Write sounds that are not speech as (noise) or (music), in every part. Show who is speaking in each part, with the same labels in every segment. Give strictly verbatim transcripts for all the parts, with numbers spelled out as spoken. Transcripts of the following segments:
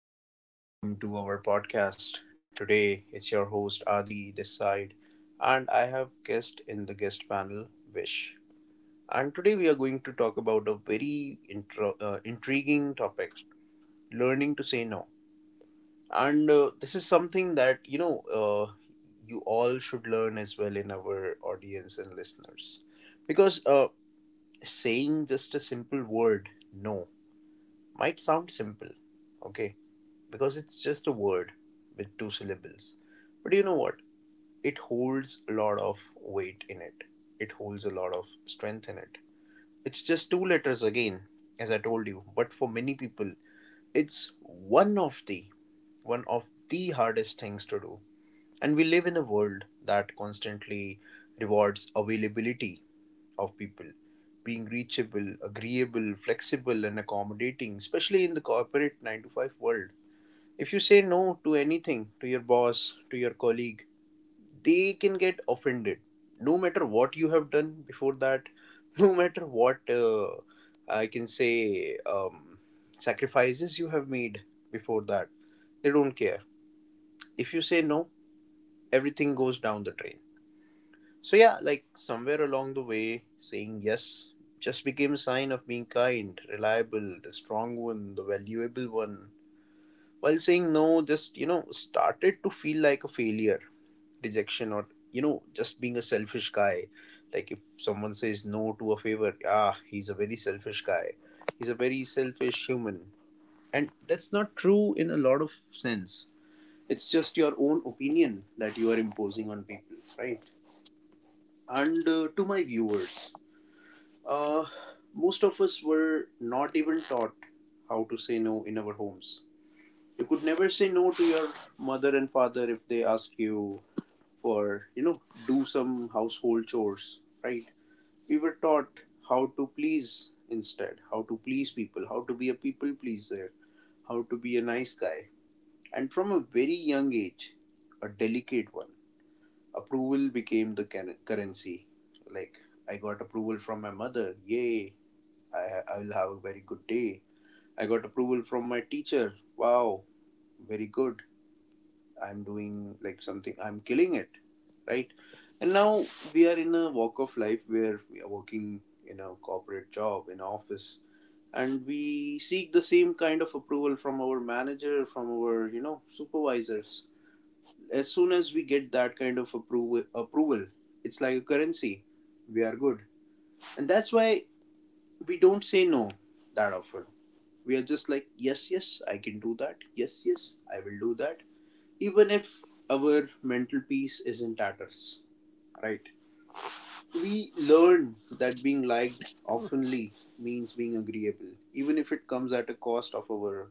Speaker 1: morning, and welcome to our podcast. Today, it's your host Adi this side, and I have guest in the guest panel, Vish. And today, we are going to talk about a very intro, uh, intriguing topic: learning to say no. And uh, this is something that you know uh, you all should learn as well in our audience and listeners, because uh, saying just a simple word "no" might sound simple, okay, because it's just a word with two syllables. But you know what? It holds a lot of weight in it, it holds a lot of strength in it. It's just two letters again, as I told you, but for many people, it's one of the one of the hardest things to do. And we live in a world that constantly rewards availability of people, being reachable, agreeable, flexible, and accommodating, especially in the corporate nine to five world. If you say no to anything, to your boss, to your colleague, they can get offended. No matter what you have done before that, (laughs) no matter what uh, I can say, um, sacrifices you have made before that, they don't care. If you say no, everything goes down the drain. So, yeah, like somewhere along the way, saying yes just became a sign of being kind, reliable, the strong one, the valuable one, while saying no just you know started to feel like a failure, rejection, or you know just being a selfish guy. Like if someone says no to a favor, ah he's a very selfish guy, he's a very selfish human. And that's not true in a lot of sense. It's just your own opinion that you are imposing on people, right? and uh, to my viewers, uh, most of us were not even taught how to say no in our homes. You could never say no to your mother and father if they ask you for, you know do some household chores, right? We were taught how to please instead, how to please people, how to be a people pleaser, how to be a nice guy. And from a very young age, a delicate one, approval became the can- currency. Like, I got approval from my mother, yay, i I will have a very good day. I got approval from my teacher, wow, very good. I'm doing like something, I'm killing it, right? And now we are in a walk of life where we are working in a corporate job in office, and we seek the same kind of approval from our manager, from our, you know supervisors. As soon as we get that kind of approval approval, it's like a currency, we are good. And that's why we don't say no that often. We are just like, yes, yes, I can do that, yes, yes, I will do that, even if our mental peace is in tatters, right? We learn that being liked oftenly means being agreeable, even if it comes at a cost of our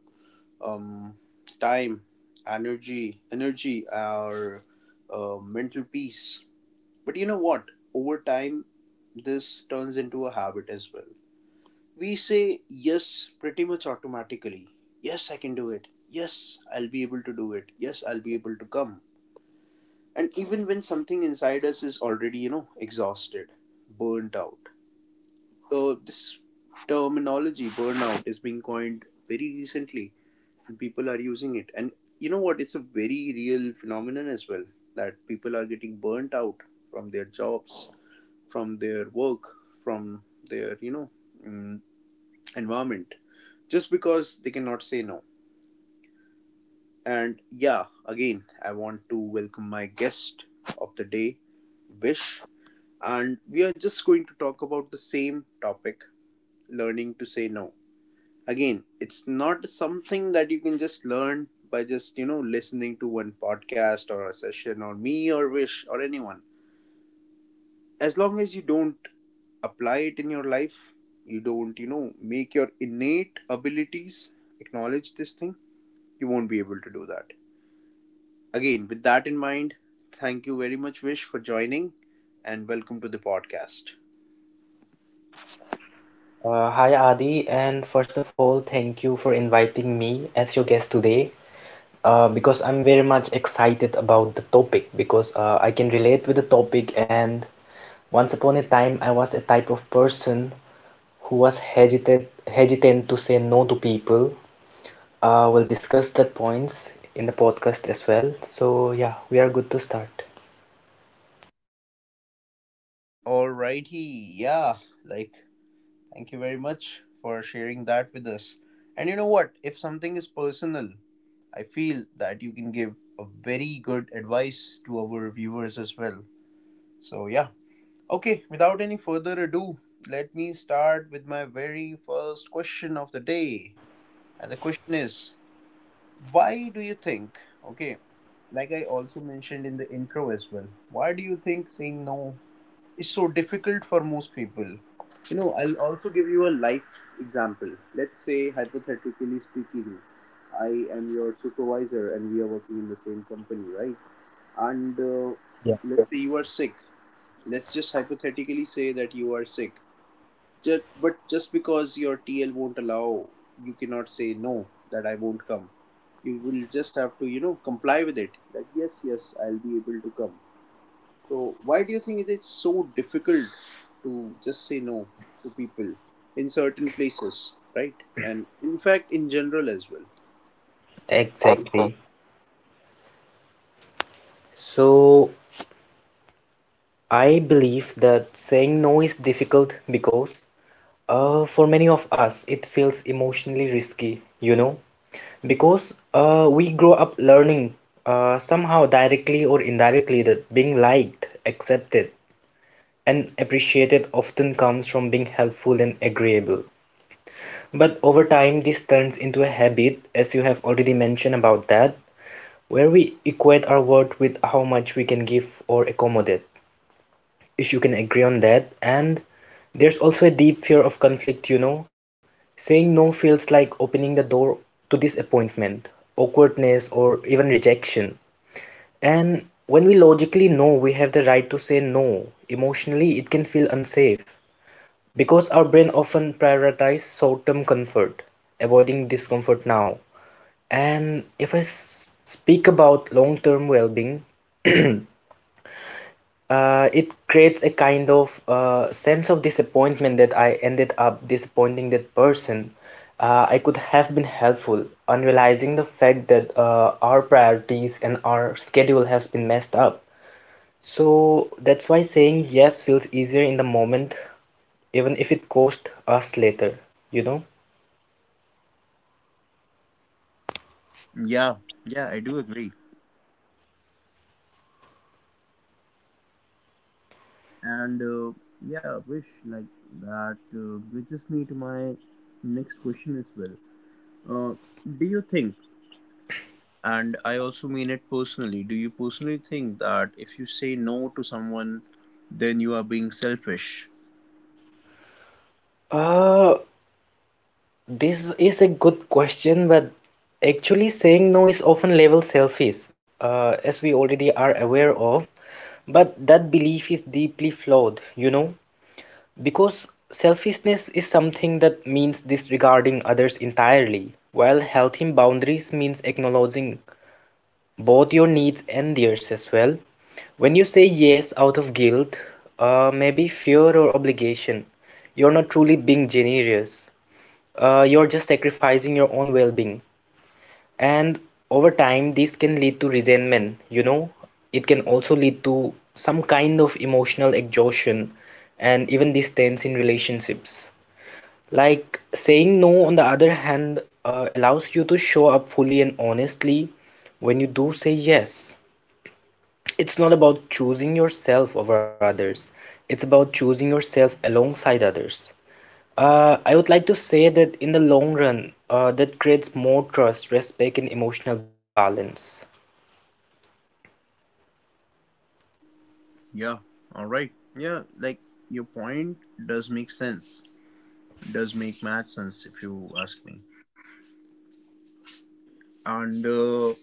Speaker 1: um, time, energy, energy, our uh, mental peace. But you know what? Over time, this turns into a habit as well. We say yes pretty much automatically. Yes, I can do it. Yes, I'll be able to do it. Yes, I'll be able to come, and even when something inside us is already, you know exhausted, burnt out. Uh, this terminology burnout is being coined very recently and people are using it, and you know what, it's a very real phenomenon as well, that people are getting burnt out from their jobs, from their work, from their, you know mm, environment, just because they cannot say no. And yeah, again, I want to welcome my guest of the day, Vish, and we are just going to talk about the same topic, learning to say no. Again, it's not something that you can just learn by just, you know, listening to one podcast or a session or me or Wish or anyone. As long as you don't apply it in your life, you don't, you know, make your innate abilities acknowledge this thing, you won't be able to do that. Again, with that in mind, thank you very much, Wish, for joining and welcome to the podcast.
Speaker 2: Uh, hi Adi, and first of all, thank you for inviting me as your guest today uh, because I'm very much excited about the topic because uh, I can relate with the topic. And once upon a time, I was a type of person who was hesitant, hesitant to say no to people. Uh, we'll discuss that points in the podcast as well. So, yeah, we are good to start.
Speaker 1: Alrighty, yeah, like thank you very much for sharing that with us. And you know what? If something is personal, I feel that you can give a very good advice to our viewers as well. So, yeah, okay, without any further ado, let me start with my very first question of the day. And the question is, why do you think, okay, like I also mentioned in the intro as well, why do you think saying no is so difficult for most people. You know, I'll also give you a life example. Let's say, hypothetically speaking, I am your supervisor and we are working in the same company, right? And uh,
Speaker 2: Yeah,
Speaker 1: let's say you are sick. Let's just hypothetically say that you are sick. Just, but just because your T L won't allow, you cannot say no, that I won't come. You will just have to, you know, comply with it that yes, yes, I'll be able to come. So, why do you think it is so difficult to just say no to people in certain places, right? And in fact, in general as well.
Speaker 2: exactly. So, I believe that saying no is difficult because uh, for many of us it feels emotionally risky, you know, because uh, we grow up learning uh, somehow directly or indirectly that being liked, accepted, and appreciated often comes from being helpful and agreeable. But over time, this turns into a habit, as you have already mentioned about that, where we equate our worth with how much we can give or accommodate if you can agree on that. And there's also a deep fear of conflict, you know. Saying no feels like opening the door to disappointment, awkwardness, or even rejection. And when we logically know we have the right to say no, emotionally it can feel unsafe because our brain often prioritizes short-term comfort, avoiding discomfort now. And if I s- speak about long-term well-being, (clears throat) Uh, it creates a kind of uh, sense of disappointment that I ended up disappointing that person. Uh, I could have been helpful, unrealizing the fact that uh, our priorities and our schedule has been messed up. So that's why saying yes feels easier in the moment, even if it costs us later, you know?
Speaker 1: Yeah, yeah, I do agree. And uh, yeah, wish, like that uh, bridges me to my next question as well. Uh, do you think, and I also mean it personally, do you personally think that if you say no to someone, then you are being selfish?
Speaker 2: Uh, This is a good question, but actually saying no is often labeled selfish, uh, as we already are aware of. But that belief is deeply flawed, you know, because selfishness is something that means disregarding others entirely, while healthy boundaries means acknowledging both your needs and theirs as well. When you say yes out of guilt, uh, maybe fear or obligation, you're not truly being generous, uh, you're just sacrificing your own well-being, and over time this can lead to resentment, you know. It can also lead to some kind of emotional exhaustion and even distance in relationships. Like saying no, on the other hand, uh, allows you to show up fully and honestly. When you do say yes, it's not about choosing yourself over others, it's about choosing yourself alongside others. Uh, I would like to say that in the long run, uh, that creates more trust, respect, and emotional balance.
Speaker 1: Yeah, all right. Yeah, like your point does make sense. Does make math sense if you ask me. And uh,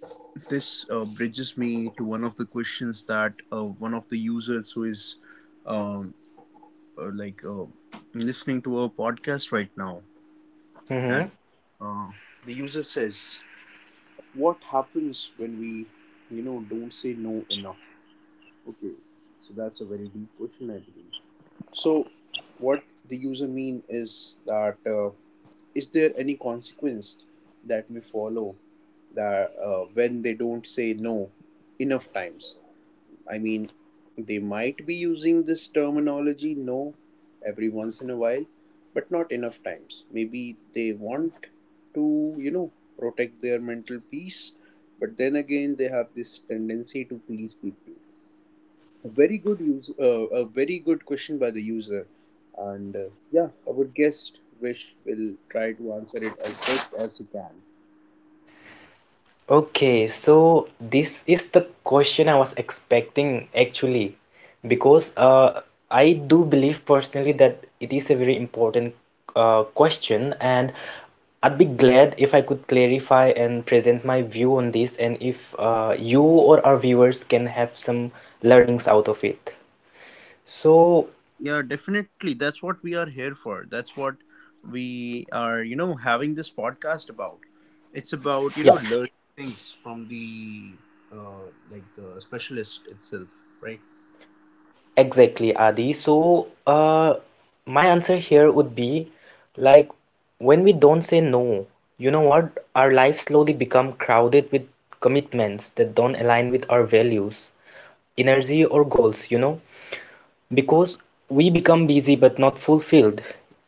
Speaker 1: this uh, bridges me to one of the questions that uh, one of the users who is, um, uh, like uh, listening to our podcast right now, and
Speaker 2: Hmm.
Speaker 1: uh, the user says, "What happens when we, you know, don't say no enough?" Okay, so that's a very deep question, I believe. So, what the user mean is that uh, is there any consequence that may follow, that uh, when they don't say no enough times? I mean, they might be using this terminology no every once in a while, but not enough times. Maybe they want to, you know, protect their mental peace, but then again, they have this tendency to please people. A very good use, uh, a very good question by the user, and uh, yeah, our guest Vish will try to answer it as best as he can.
Speaker 2: Okay, so this is the question I was expecting actually, because uh, I do believe personally that it is a very important uh, question, and I'd be glad if I could clarify and present my view on this, and if uh, you or our viewers can have some learnings out of it. So,
Speaker 1: Yeah, definitely. That's what we are here for. That's what we are, you know, having this podcast about. It's about, you
Speaker 2: yeah.
Speaker 1: know, learning things from the uh like the specialist itself, right?
Speaker 2: Exactly, Adi. So, uh, my answer here would be, like, when we don't say no, you know what? Our lives slowly become crowded with commitments that don't align with our values, energy, or goals, you know? Because we become busy but not fulfilled.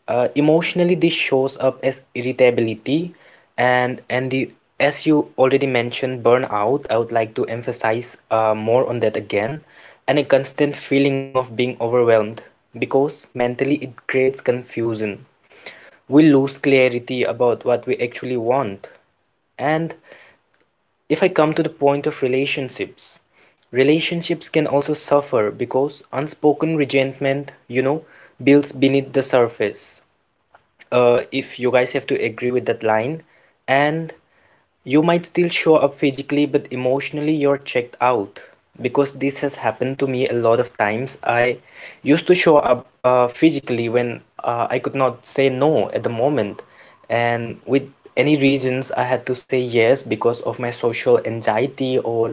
Speaker 2: Uh, emotionally, this shows up as irritability, and and the as you already mentioned, burnout. I would like to emphasize uh, more on that again, and a constant feeling of being overwhelmed, because mentally it creates confusion. We lose clarity about what we actually want, and if I come to the point of relationships, relationships can also suffer because unspoken resentment, you know, builds beneath the surface. Uh, if you guys have to agree with that line, and you might still show up physically, but emotionally you're checked out, because this has happened to me a lot of times. I used to show up uh, physically when uh, I could not say no at the moment, and with any reasons I had to say yes because of my social anxiety, or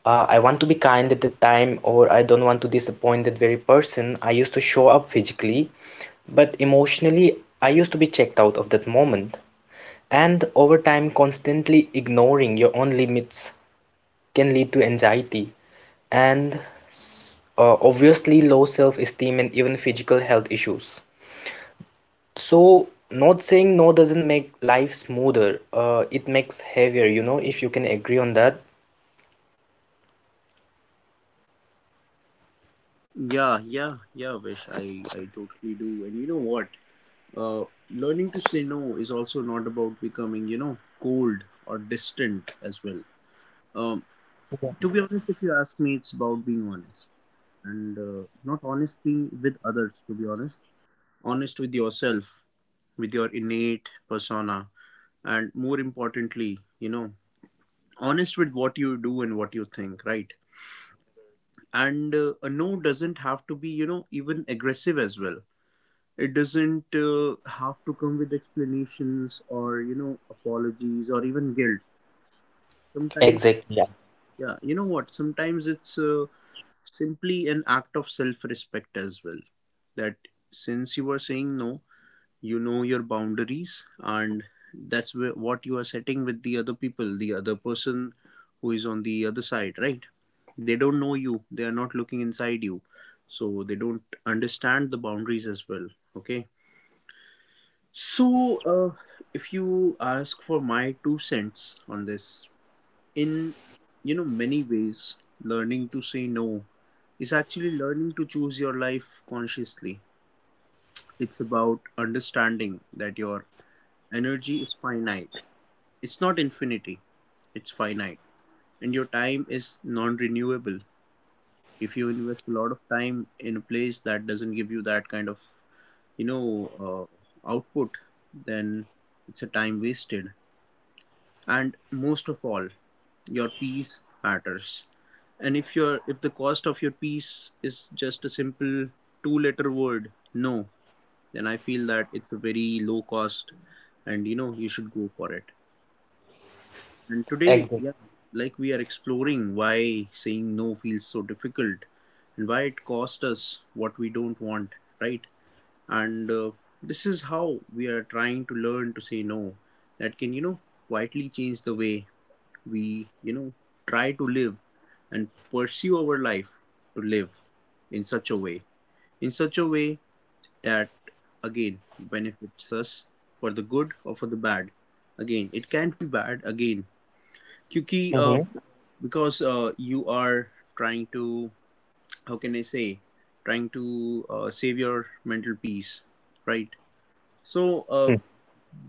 Speaker 2: uh, I want to be kind at the time, or I don't want to disappoint that very person. I used to show up physically, but emotionally I used to be checked out of that moment. And over time, constantly ignoring your own limits can lead to anxiety and s- uh, obviously low self-esteem and even physical health issues. So, not saying no doesn't make life smoother. Uh, it makes heavier, you know, if you can agree on that.
Speaker 1: Yeah, yeah, yeah, Vish. I I totally do. And you know what? Uh, learning to say no is also not about becoming, you know, cold or distant as well. Um, to be honest, if you ask me, it's about being honest and uh, not honestly with others, to be honest, honest with yourself, with your innate persona, and more importantly, you know, honest with what you do and what you think, right? And uh, a no doesn't have to be, you know, even aggressive as well. It doesn't uh, have to come with explanations or, you know, apologies or even guilt sometimes.
Speaker 2: Exactly. Yeah.
Speaker 1: Yeah, you know what, sometimes it's uh, simply an act of self respect as well. That since you are saying no, you know your boundaries and that's where, what you are setting with the other people, the other person who is on the other side, right? They don't know you, they are not looking inside you, so they don't understand the boundaries as well, okay. So, uh, if you ask for my two cents on this, in, you know, many ways, learning to say no is actually learning to choose your life consciously. It's about understanding that your energy is finite. It's not infinity. It's finite, and your time is non-renewable. If you invest a lot of time in a place that doesn't give you that kind of you know uh, output, then it's a time wasted, and most of all your peace matters. And if your if the cost of your peace is just a simple two letter word, no, then I feel that it's a very low cost, and you know you should go for it. And today,
Speaker 2: Exactly.
Speaker 1: yeah, like, we are exploring why saying no feels so difficult and why it costs us what we don't want, right? And uh, this is how we are trying to learn to say no, that can, you know quietly change the way we, you know try to live and pursue our life, to live in such a way in such a way that again benefits us, for the good or for the bad. Again, it can't be bad again. क्योंकि uh,
Speaker 2: Hmm.
Speaker 1: because uh, you are trying to, how can I say trying to uh, save your mental peace, right? So, uh,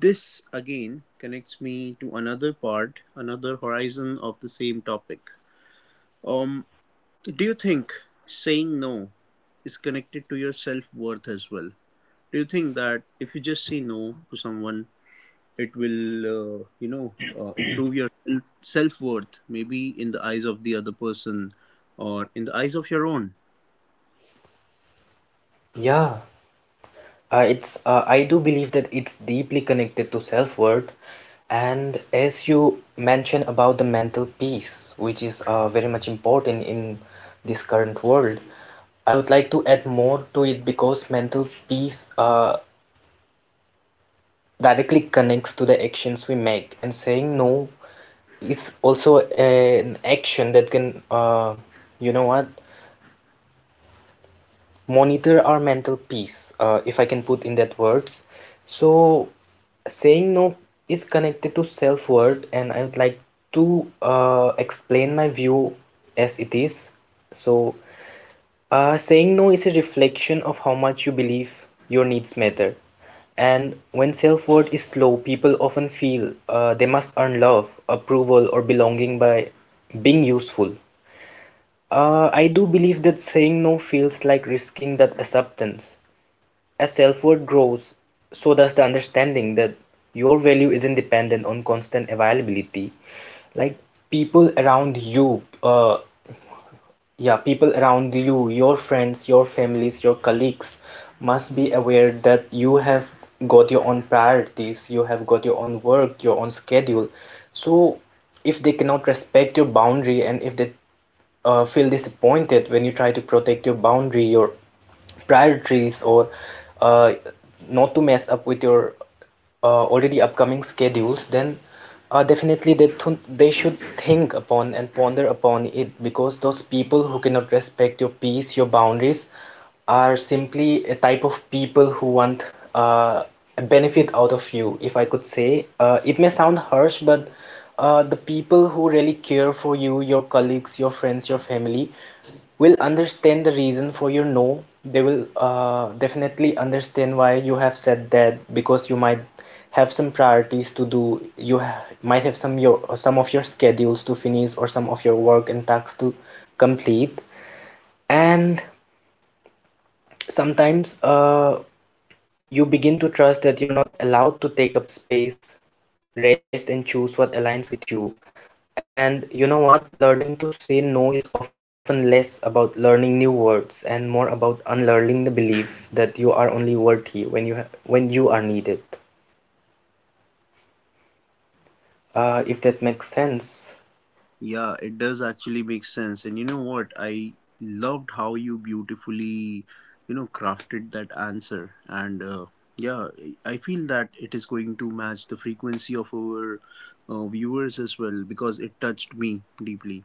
Speaker 1: this again connects me to another part, another horizon of the same topic. um, do you think saying no is connected to your self worth as well? Do you think that if you just say no to someone, it will, uh, you know, uh, improve your self worth, maybe in the eyes of the other person or in the eyes of your own?
Speaker 2: Yeah, uh, it's uh, I do believe that it's deeply connected to self-worth, and as you mentioned about the mental peace, which is uh, very much important in this current world, I would like to add more to it because mental peace uh, directly connects to the actions we make, and saying no is also an action that can, uh, you know what, monitor our mental peace, uh, if I can put in that words. So, saying no is connected to self worth, and I would like to uh, explain my view as it is. So, uh, saying no is a reflection of how much you believe your needs matter. And when self worth is low, people often feel uh, they must earn love, approval, or belonging by being useful. Uh, I do believe that saying no feels like risking that acceptance. As self-worth grows, so does the understanding that your value isn't dependent on constant availability. Like people around you, uh, yeah, people around you, your friends, your families, your colleagues must be aware that you have got your own priorities, you have got your own work, your own schedule. So, if they cannot respect your boundary, and if they uh, feel disappointed when you try to protect your boundary, your priorities, or uh, not to mess up with your uh, already upcoming schedules, then uh, definitely they, th- they should think upon and ponder upon it, because those people who cannot respect your peace, your boundaries, are simply a type of people who want uh, a benefit out of you, if I could say. Uh, it may sound harsh, but uh, the people who really care for you, your colleagues, your friends, your family, will understand the reason for your no. They will uh, definitely understand why you have said that, because you might have some priorities to do. You ha might have some your some of your schedules to finish, or some of your work and tasks to complete. And sometimes uh, you begin to trust that you're not allowed to take up space, rest, and choose what aligns with you. And you know what? Learning to say no is often less about learning new words and more about unlearning the belief that you are only worthy when you ha when you are needed. Uh, if that makes sense.
Speaker 1: Yeah, it does actually make sense. And you know what? I loved how you beautifully, you know, crafted that answer. And uh, yeah, I feel that it is going to match the frequency of our uh, viewers as well, because it touched me deeply.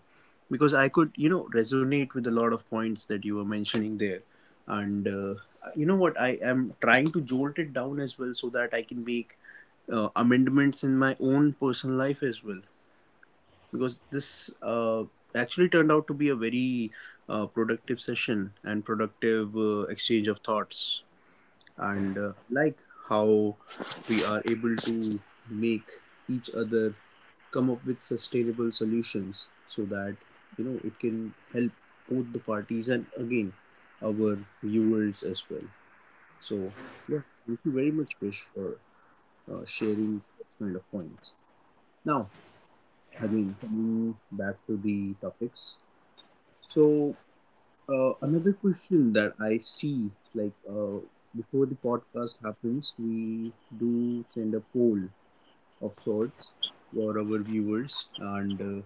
Speaker 1: Because I could, you know, resonate with a lot of points that you were mentioning there. And uh, you know what? I am trying to jolt it down as well so that I can make uh, amendments in my own personal life as well, because this uh, actually turned out to be a very uh, productive session and productive uh, exchange of thoughts. And uh, I like how we are able to make each other come up with sustainable solutions so that, you know it can help both the parties, and again, our viewers as well. So, yeah, thank you very much, Vish, for uh, sharing such kind of points. Now, again, coming back to the topics. So, uh, another question that I see, like, uh, before the podcast happens, we do send a poll of sorts for our viewers, and uh,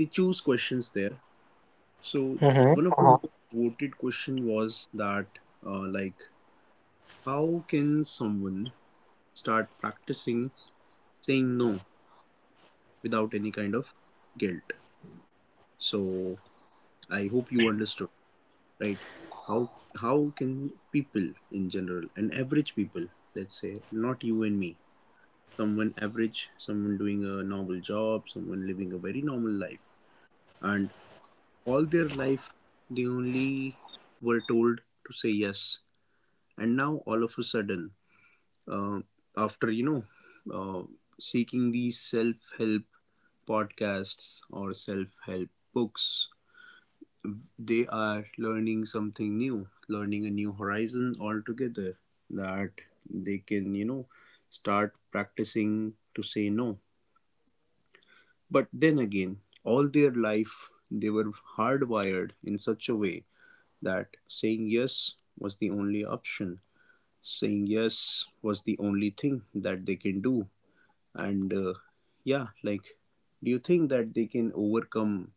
Speaker 1: they choose questions there. So,
Speaker 2: Hmm.
Speaker 1: one of the, uh-huh, most voted question was that, uh, like, how can someone start practicing saying no without any kind of guilt? So, I hope you understood, right? How how can people, in general, and average people, let's say, not you and me, someone average, someone doing a normal job, someone living a very normal life, and all their life they only were told to say yes, and now, all of a sudden, uh, after you know uh, seeking these self-help podcasts or self-help books, they are learning something new, learning a new horizon altogether, that they can, you know, start practicing to say no. But then again, all their life they were hardwired in such a way that saying yes was the only option, saying yes was the only thing that they can do. And uh, yeah, like, do you think that they can overcome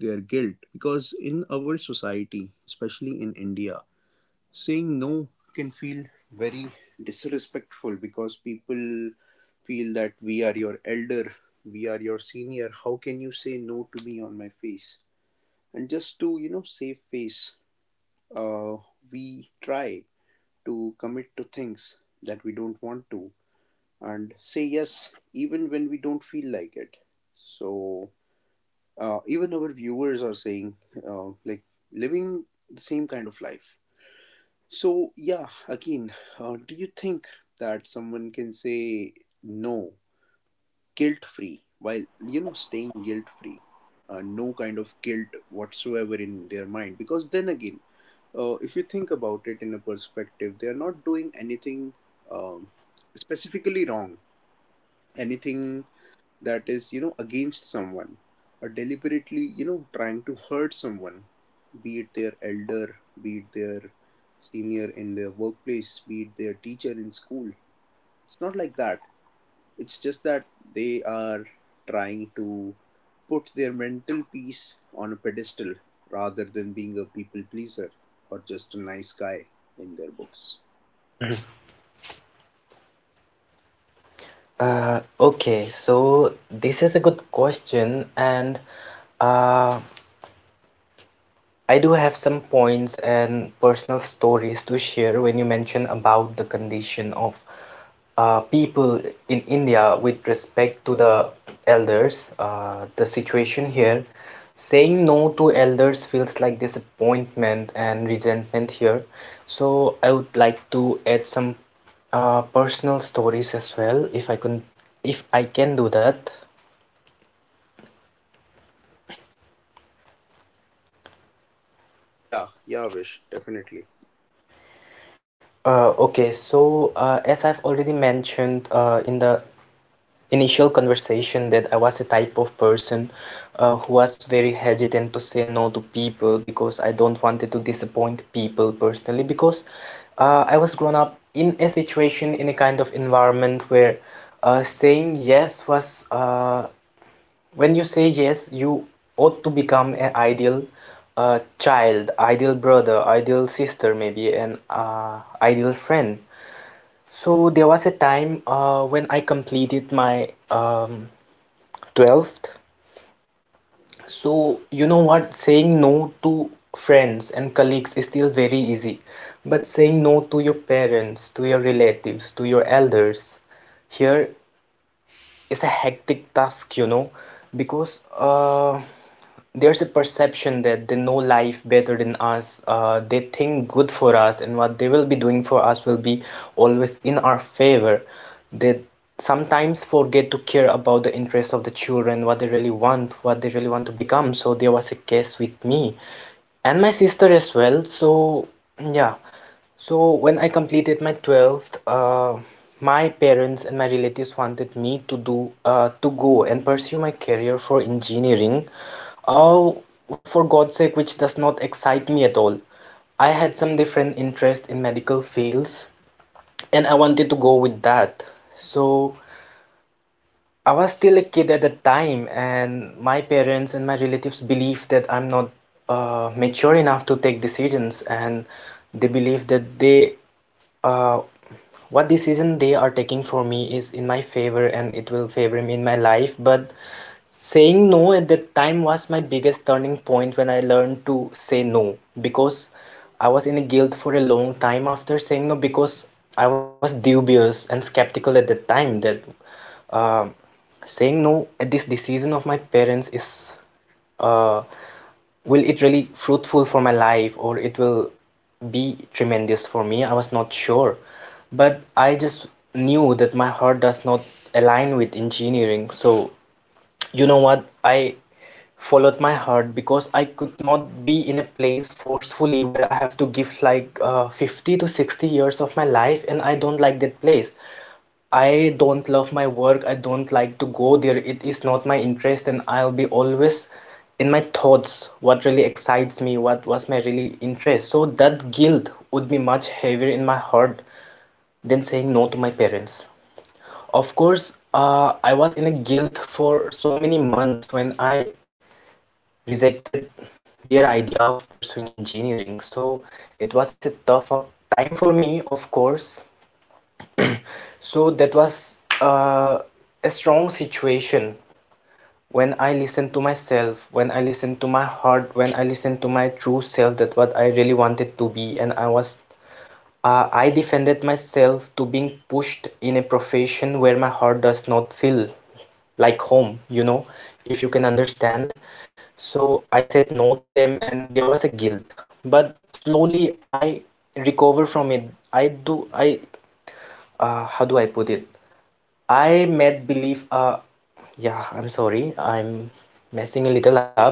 Speaker 1: their guilt? Because in our society, especially in India, saying no can feel very disrespectful, because people feel that we are your elder, we are your senior. How can you say no to me on my face? And just to, you know, save face, uh, we try to commit to things that we don't want to and say yes even when we don't feel like it. So, uh, even our viewers are saying, uh, like, living the same kind of life. So, yeah, again, uh, do you think that someone can say no guilt free while, you know, staying guilt free? Uh, no kind of guilt whatsoever in their mind. Because then again, uh, if you think about it in a perspective, they are not doing anything um, specifically wrong, anything that is, you know against someone, or deliberately, you know trying to hurt someone, be it their elder, be it their senior in their workplace, be it their teacher in school. It's not like that. It's just that they are trying to put their mental peace on a pedestal, rather than being a people pleaser or just a nice guy in their books.
Speaker 2: Uh, okay, so this is a good question, and uh, I do have some points and personal stories to share when you mention about the condition of uh, people in India with respect to the elders. Uh, the situation here, saying no to elders feels like disappointment and resentment here. So I would like to add some uh, personal stories as well, if I can, if I can do that.
Speaker 1: Yeah, yeah, Vish, definitely
Speaker 2: Uh, okay, so uh, as I've already mentioned uh, in the initial conversation that I was a type of person uh, who was very hesitant to say no to people because I don't wanted to disappoint people personally, because uh, I was grown up in a situation, in a kind of environment, where uh, saying yes was uh, when you say yes, you ought to become an ideal uh, child, ideal brother, ideal sister, maybe, an uh, ideal friend. So there was a time uh, when I completed my um, twelfth. So you know what? Saying no to friends and colleagues is still very easy, but saying no to your parents, to your relatives, to your elders, here it's a hectic task, you know, because uh, there's a perception that they know life better than us. Uh, they think good for us, and what they will be doing for us will be always in our favor. They sometimes forget to care about the interests of the children, what they really want, what they really want to become. So there was a case with me and my sister as well. So yeah, so when I completed my twelfth, uh, my parents and my relatives wanted me to do uh, to go and pursue my career for engineering. Oh, for God's sake, which does not excite me at all. I had some different interest in medical fields, and I wanted to go with that. So I was still a kid at that time, and my parents and my relatives believe that I'm not uh, mature enough to take decisions, and they believe that they, uh, what decision they are taking for me, is in my favor and it will favor me in my life. But saying no at that time was my biggest turning point when I learned to say no, because I was in a guilt for a long time after saying no because I was dubious and skeptical at that time that. Uh, Saying no at this decision of my parents is uh, will it really fruitful for my life, or it will be tremendous for me? I was not sure, but I just knew that my heart does not align with engineering, so you know what? I followed my heart because I could not be in a place forcefully where I have to give like uh, fifty to sixty years of my life, and I don't like that place. I don't love my work. I don't like to go there. It is not my interest, and I'll be always in my thoughts what really excites me, what was my really interest. So that guilt would be much heavier in my heart than saying no to my parents. Of course, uh, I was in a guilt for so many months when I rejected their idea of pursuing engineering. So it was a tough for- time for me, of course. (clears throat) So that was uh, a strong situation when I listened to myself, when I listened to my heart, when I listened to my true self, that what I really wanted to be, and I was uh, I defended myself to being pushed in a profession where my heart does not feel like home, you know, if you can understand. So I said no to them, and there was a guilt. But slowly I recover from it. I do, I, uh, how do I put it? I made believe, uh, yeah, I'm sorry, I'm messing a little up,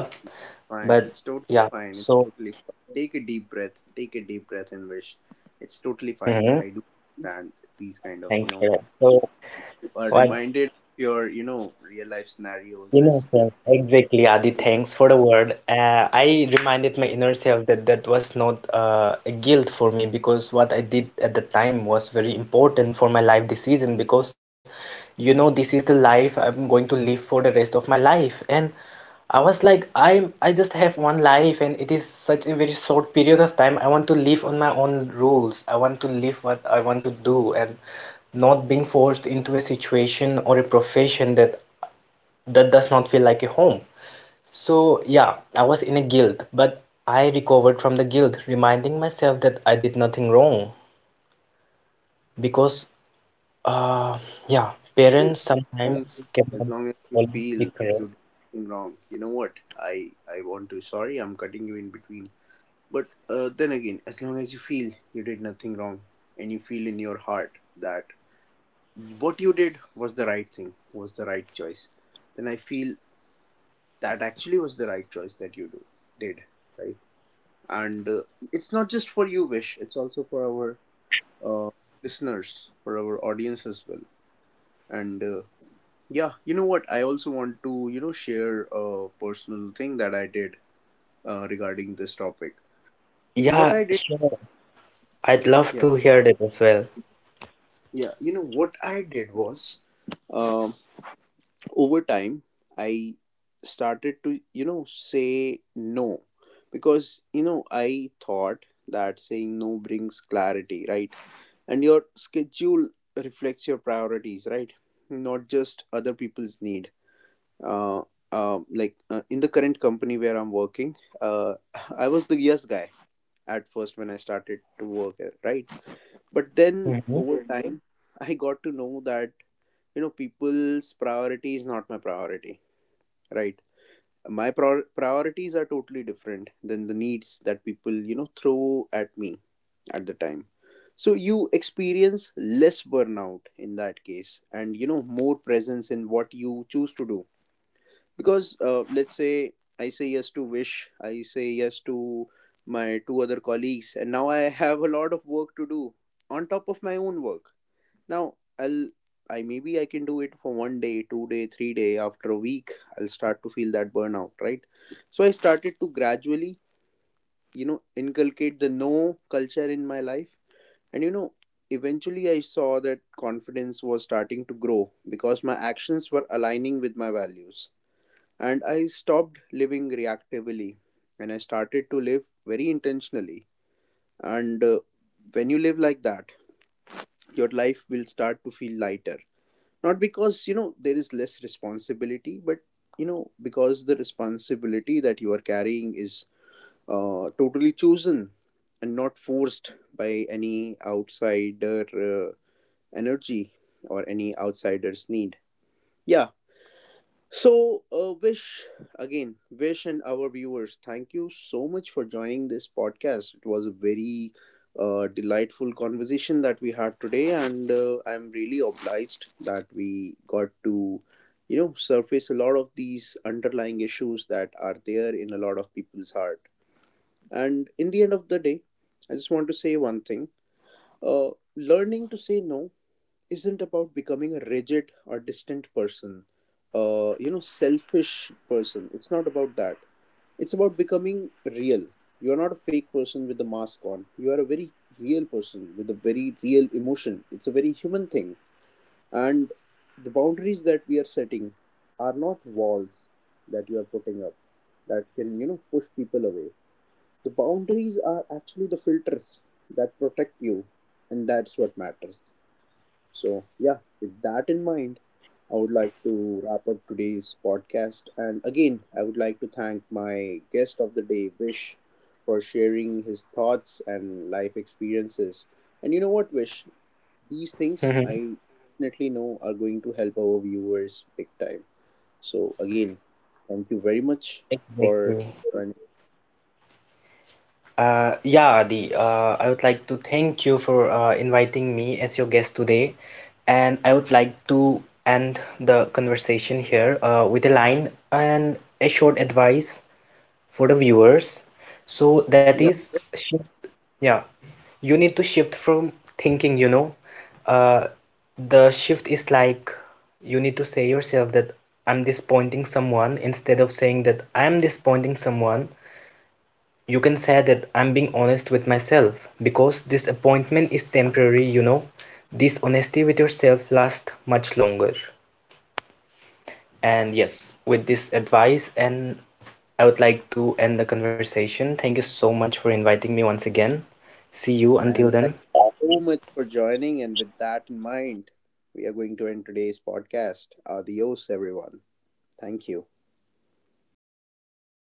Speaker 2: but
Speaker 1: fine. It's totally
Speaker 2: yeah,
Speaker 1: fine.
Speaker 2: so,
Speaker 1: It's totally fine. Take a deep breath. Take a deep breath, and wish. It's totally
Speaker 2: hmm,
Speaker 1: fine. I do understand these kind of,
Speaker 2: thanks
Speaker 1: you
Speaker 2: for
Speaker 1: know,
Speaker 2: that. So,
Speaker 1: you are
Speaker 2: what
Speaker 1: reminded of your, you know, real life scenarios,
Speaker 2: Inner
Speaker 1: and
Speaker 2: self,
Speaker 1: maybe,
Speaker 2: exactly, Adi. Thanks for the word. Uh, I reminded my inner self that that was not uh, a guilt for me, because what I did at the time was very important for my life decision because, you know, this is the life I'm going to live for the rest of my life. And I was like, I'm, I just have one life and it is such a very short period of time. I want to live on my own rules. I want to live what I want to do and not being forced into a situation or a profession that that does not feel like a home. So, yeah, I was in a guilt, but I recovered from the guilt, reminding myself that I did nothing wrong. Because, uh, yeah,
Speaker 1: you
Speaker 2: parents
Speaker 1: know,
Speaker 2: sometimes cannot
Speaker 1: as long as you
Speaker 2: always be
Speaker 1: feel that
Speaker 2: correct.
Speaker 1: you did something wrong, you know what? I I want to. Sorry, I'm cutting you in between. But uh, then again, as long as you feel you did nothing wrong and you feel in your heart that what you did was the right thing, was the right choice, then I feel that actually was the right choice that you do, did, right? And uh, it's not just for you, Vish, it's also for our uh, listeners, for our audience as well. And uh, yeah, you know what? I also want to, you know, share a personal thing that I did uh, regarding this topic. So, what
Speaker 2: Yeah,
Speaker 1: I did,
Speaker 2: sure. I'd love
Speaker 1: yeah,
Speaker 2: to hear that as well.
Speaker 1: yeah, you know, what I did was, um, over time I started to you know say no, because you know I thought that saying no brings clarity, right? And your schedule reflects your priorities, right? Not just other people's need. uh, uh, like, uh, in the current company where I'm working, uh, (laughs) I was the yes guy at first when I started to work, uh, right. But then,
Speaker 2: Mm-hmm.
Speaker 1: over Mhm. time, I got to know that, you know people's priority is not my priority, right? My prior priorities are totally different than the needs that people, you know throw at me at the time. So, you experience less burnout in that case, and, you know more presence in what you choose to do. Because, uh, let's say I say yes to wish, I say yes to my two other colleagues, and now I have a lot of work to do on top of my own work. Now, I'll I maybe I can do it for one day, two day, three day. After a week, I'll start to feel that burnout, right? So I started to gradually, you know, inculcate the no culture in my life, and, you know, eventually I saw that confidence was starting to grow, because my actions were aligning with my values, and I stopped living reactively, and I started to live very intentionally. And uh, when you live like that, your life will start to feel lighter, not because, you know there is less responsibility, but, you know because the responsibility that you are carrying is uh, totally chosen, and not forced by any outsider uh, energy or any outsider's need. Yeah. So, uh, Vish, again, Vish, and our viewers, thank you so much for joining this podcast. It was a very uh, delightful conversation that we had today, and uh, I'm really obliged that we got to, you know, surface a lot of these underlying issues that are there in a lot of people's heart. And in the end of the day, I just want to say one thing. uh, Learning to say no isn't about becoming a rigid or distant person, uh, you know, selfish person. It's not about that. It's about becoming real. You're not a fake person with a mask on. You are a very real person with a very real emotion. It's a very human thing. And the boundaries that we are setting are not walls that you are putting up that can, you know, push people away. The boundaries are actually the filters that protect you, and that's what matters. So, yeah, with that in mind, I would like to wrap up today's podcast. And again, I would like to thank my guest of the day, Vish, for sharing his thoughts and life experiences. And you know what, Vish? These things
Speaker 2: Mm-hmm.
Speaker 1: I definitely know are going to help our viewers big time. So, again, thank you very much for
Speaker 2: Exactly.
Speaker 1: joining.
Speaker 2: Uh, yeah, Adi, uh, I would like to thank you for uh, inviting me as your guest today, and I would like to end the conversation here uh, with a line and a short advice for the viewers. So that
Speaker 1: Yeah,
Speaker 2: is shift. Yeah, you need to shift from thinking, you know, uh, the shift is like you need to say yourself that I'm disappointing someone. Instead of saying that I'm disappointing someone, you can say that I'm being honest with myself, because this appointment is temporary, you know. This honesty with yourself lasts much longer. And yes, with this advice, and I would like to end the conversation. Thank you so much for inviting me once again. See you until
Speaker 1: and
Speaker 2: then.
Speaker 1: thank you so much for joining. And with that in mind, we are going to end today's podcast. Adios, everyone. Thank you.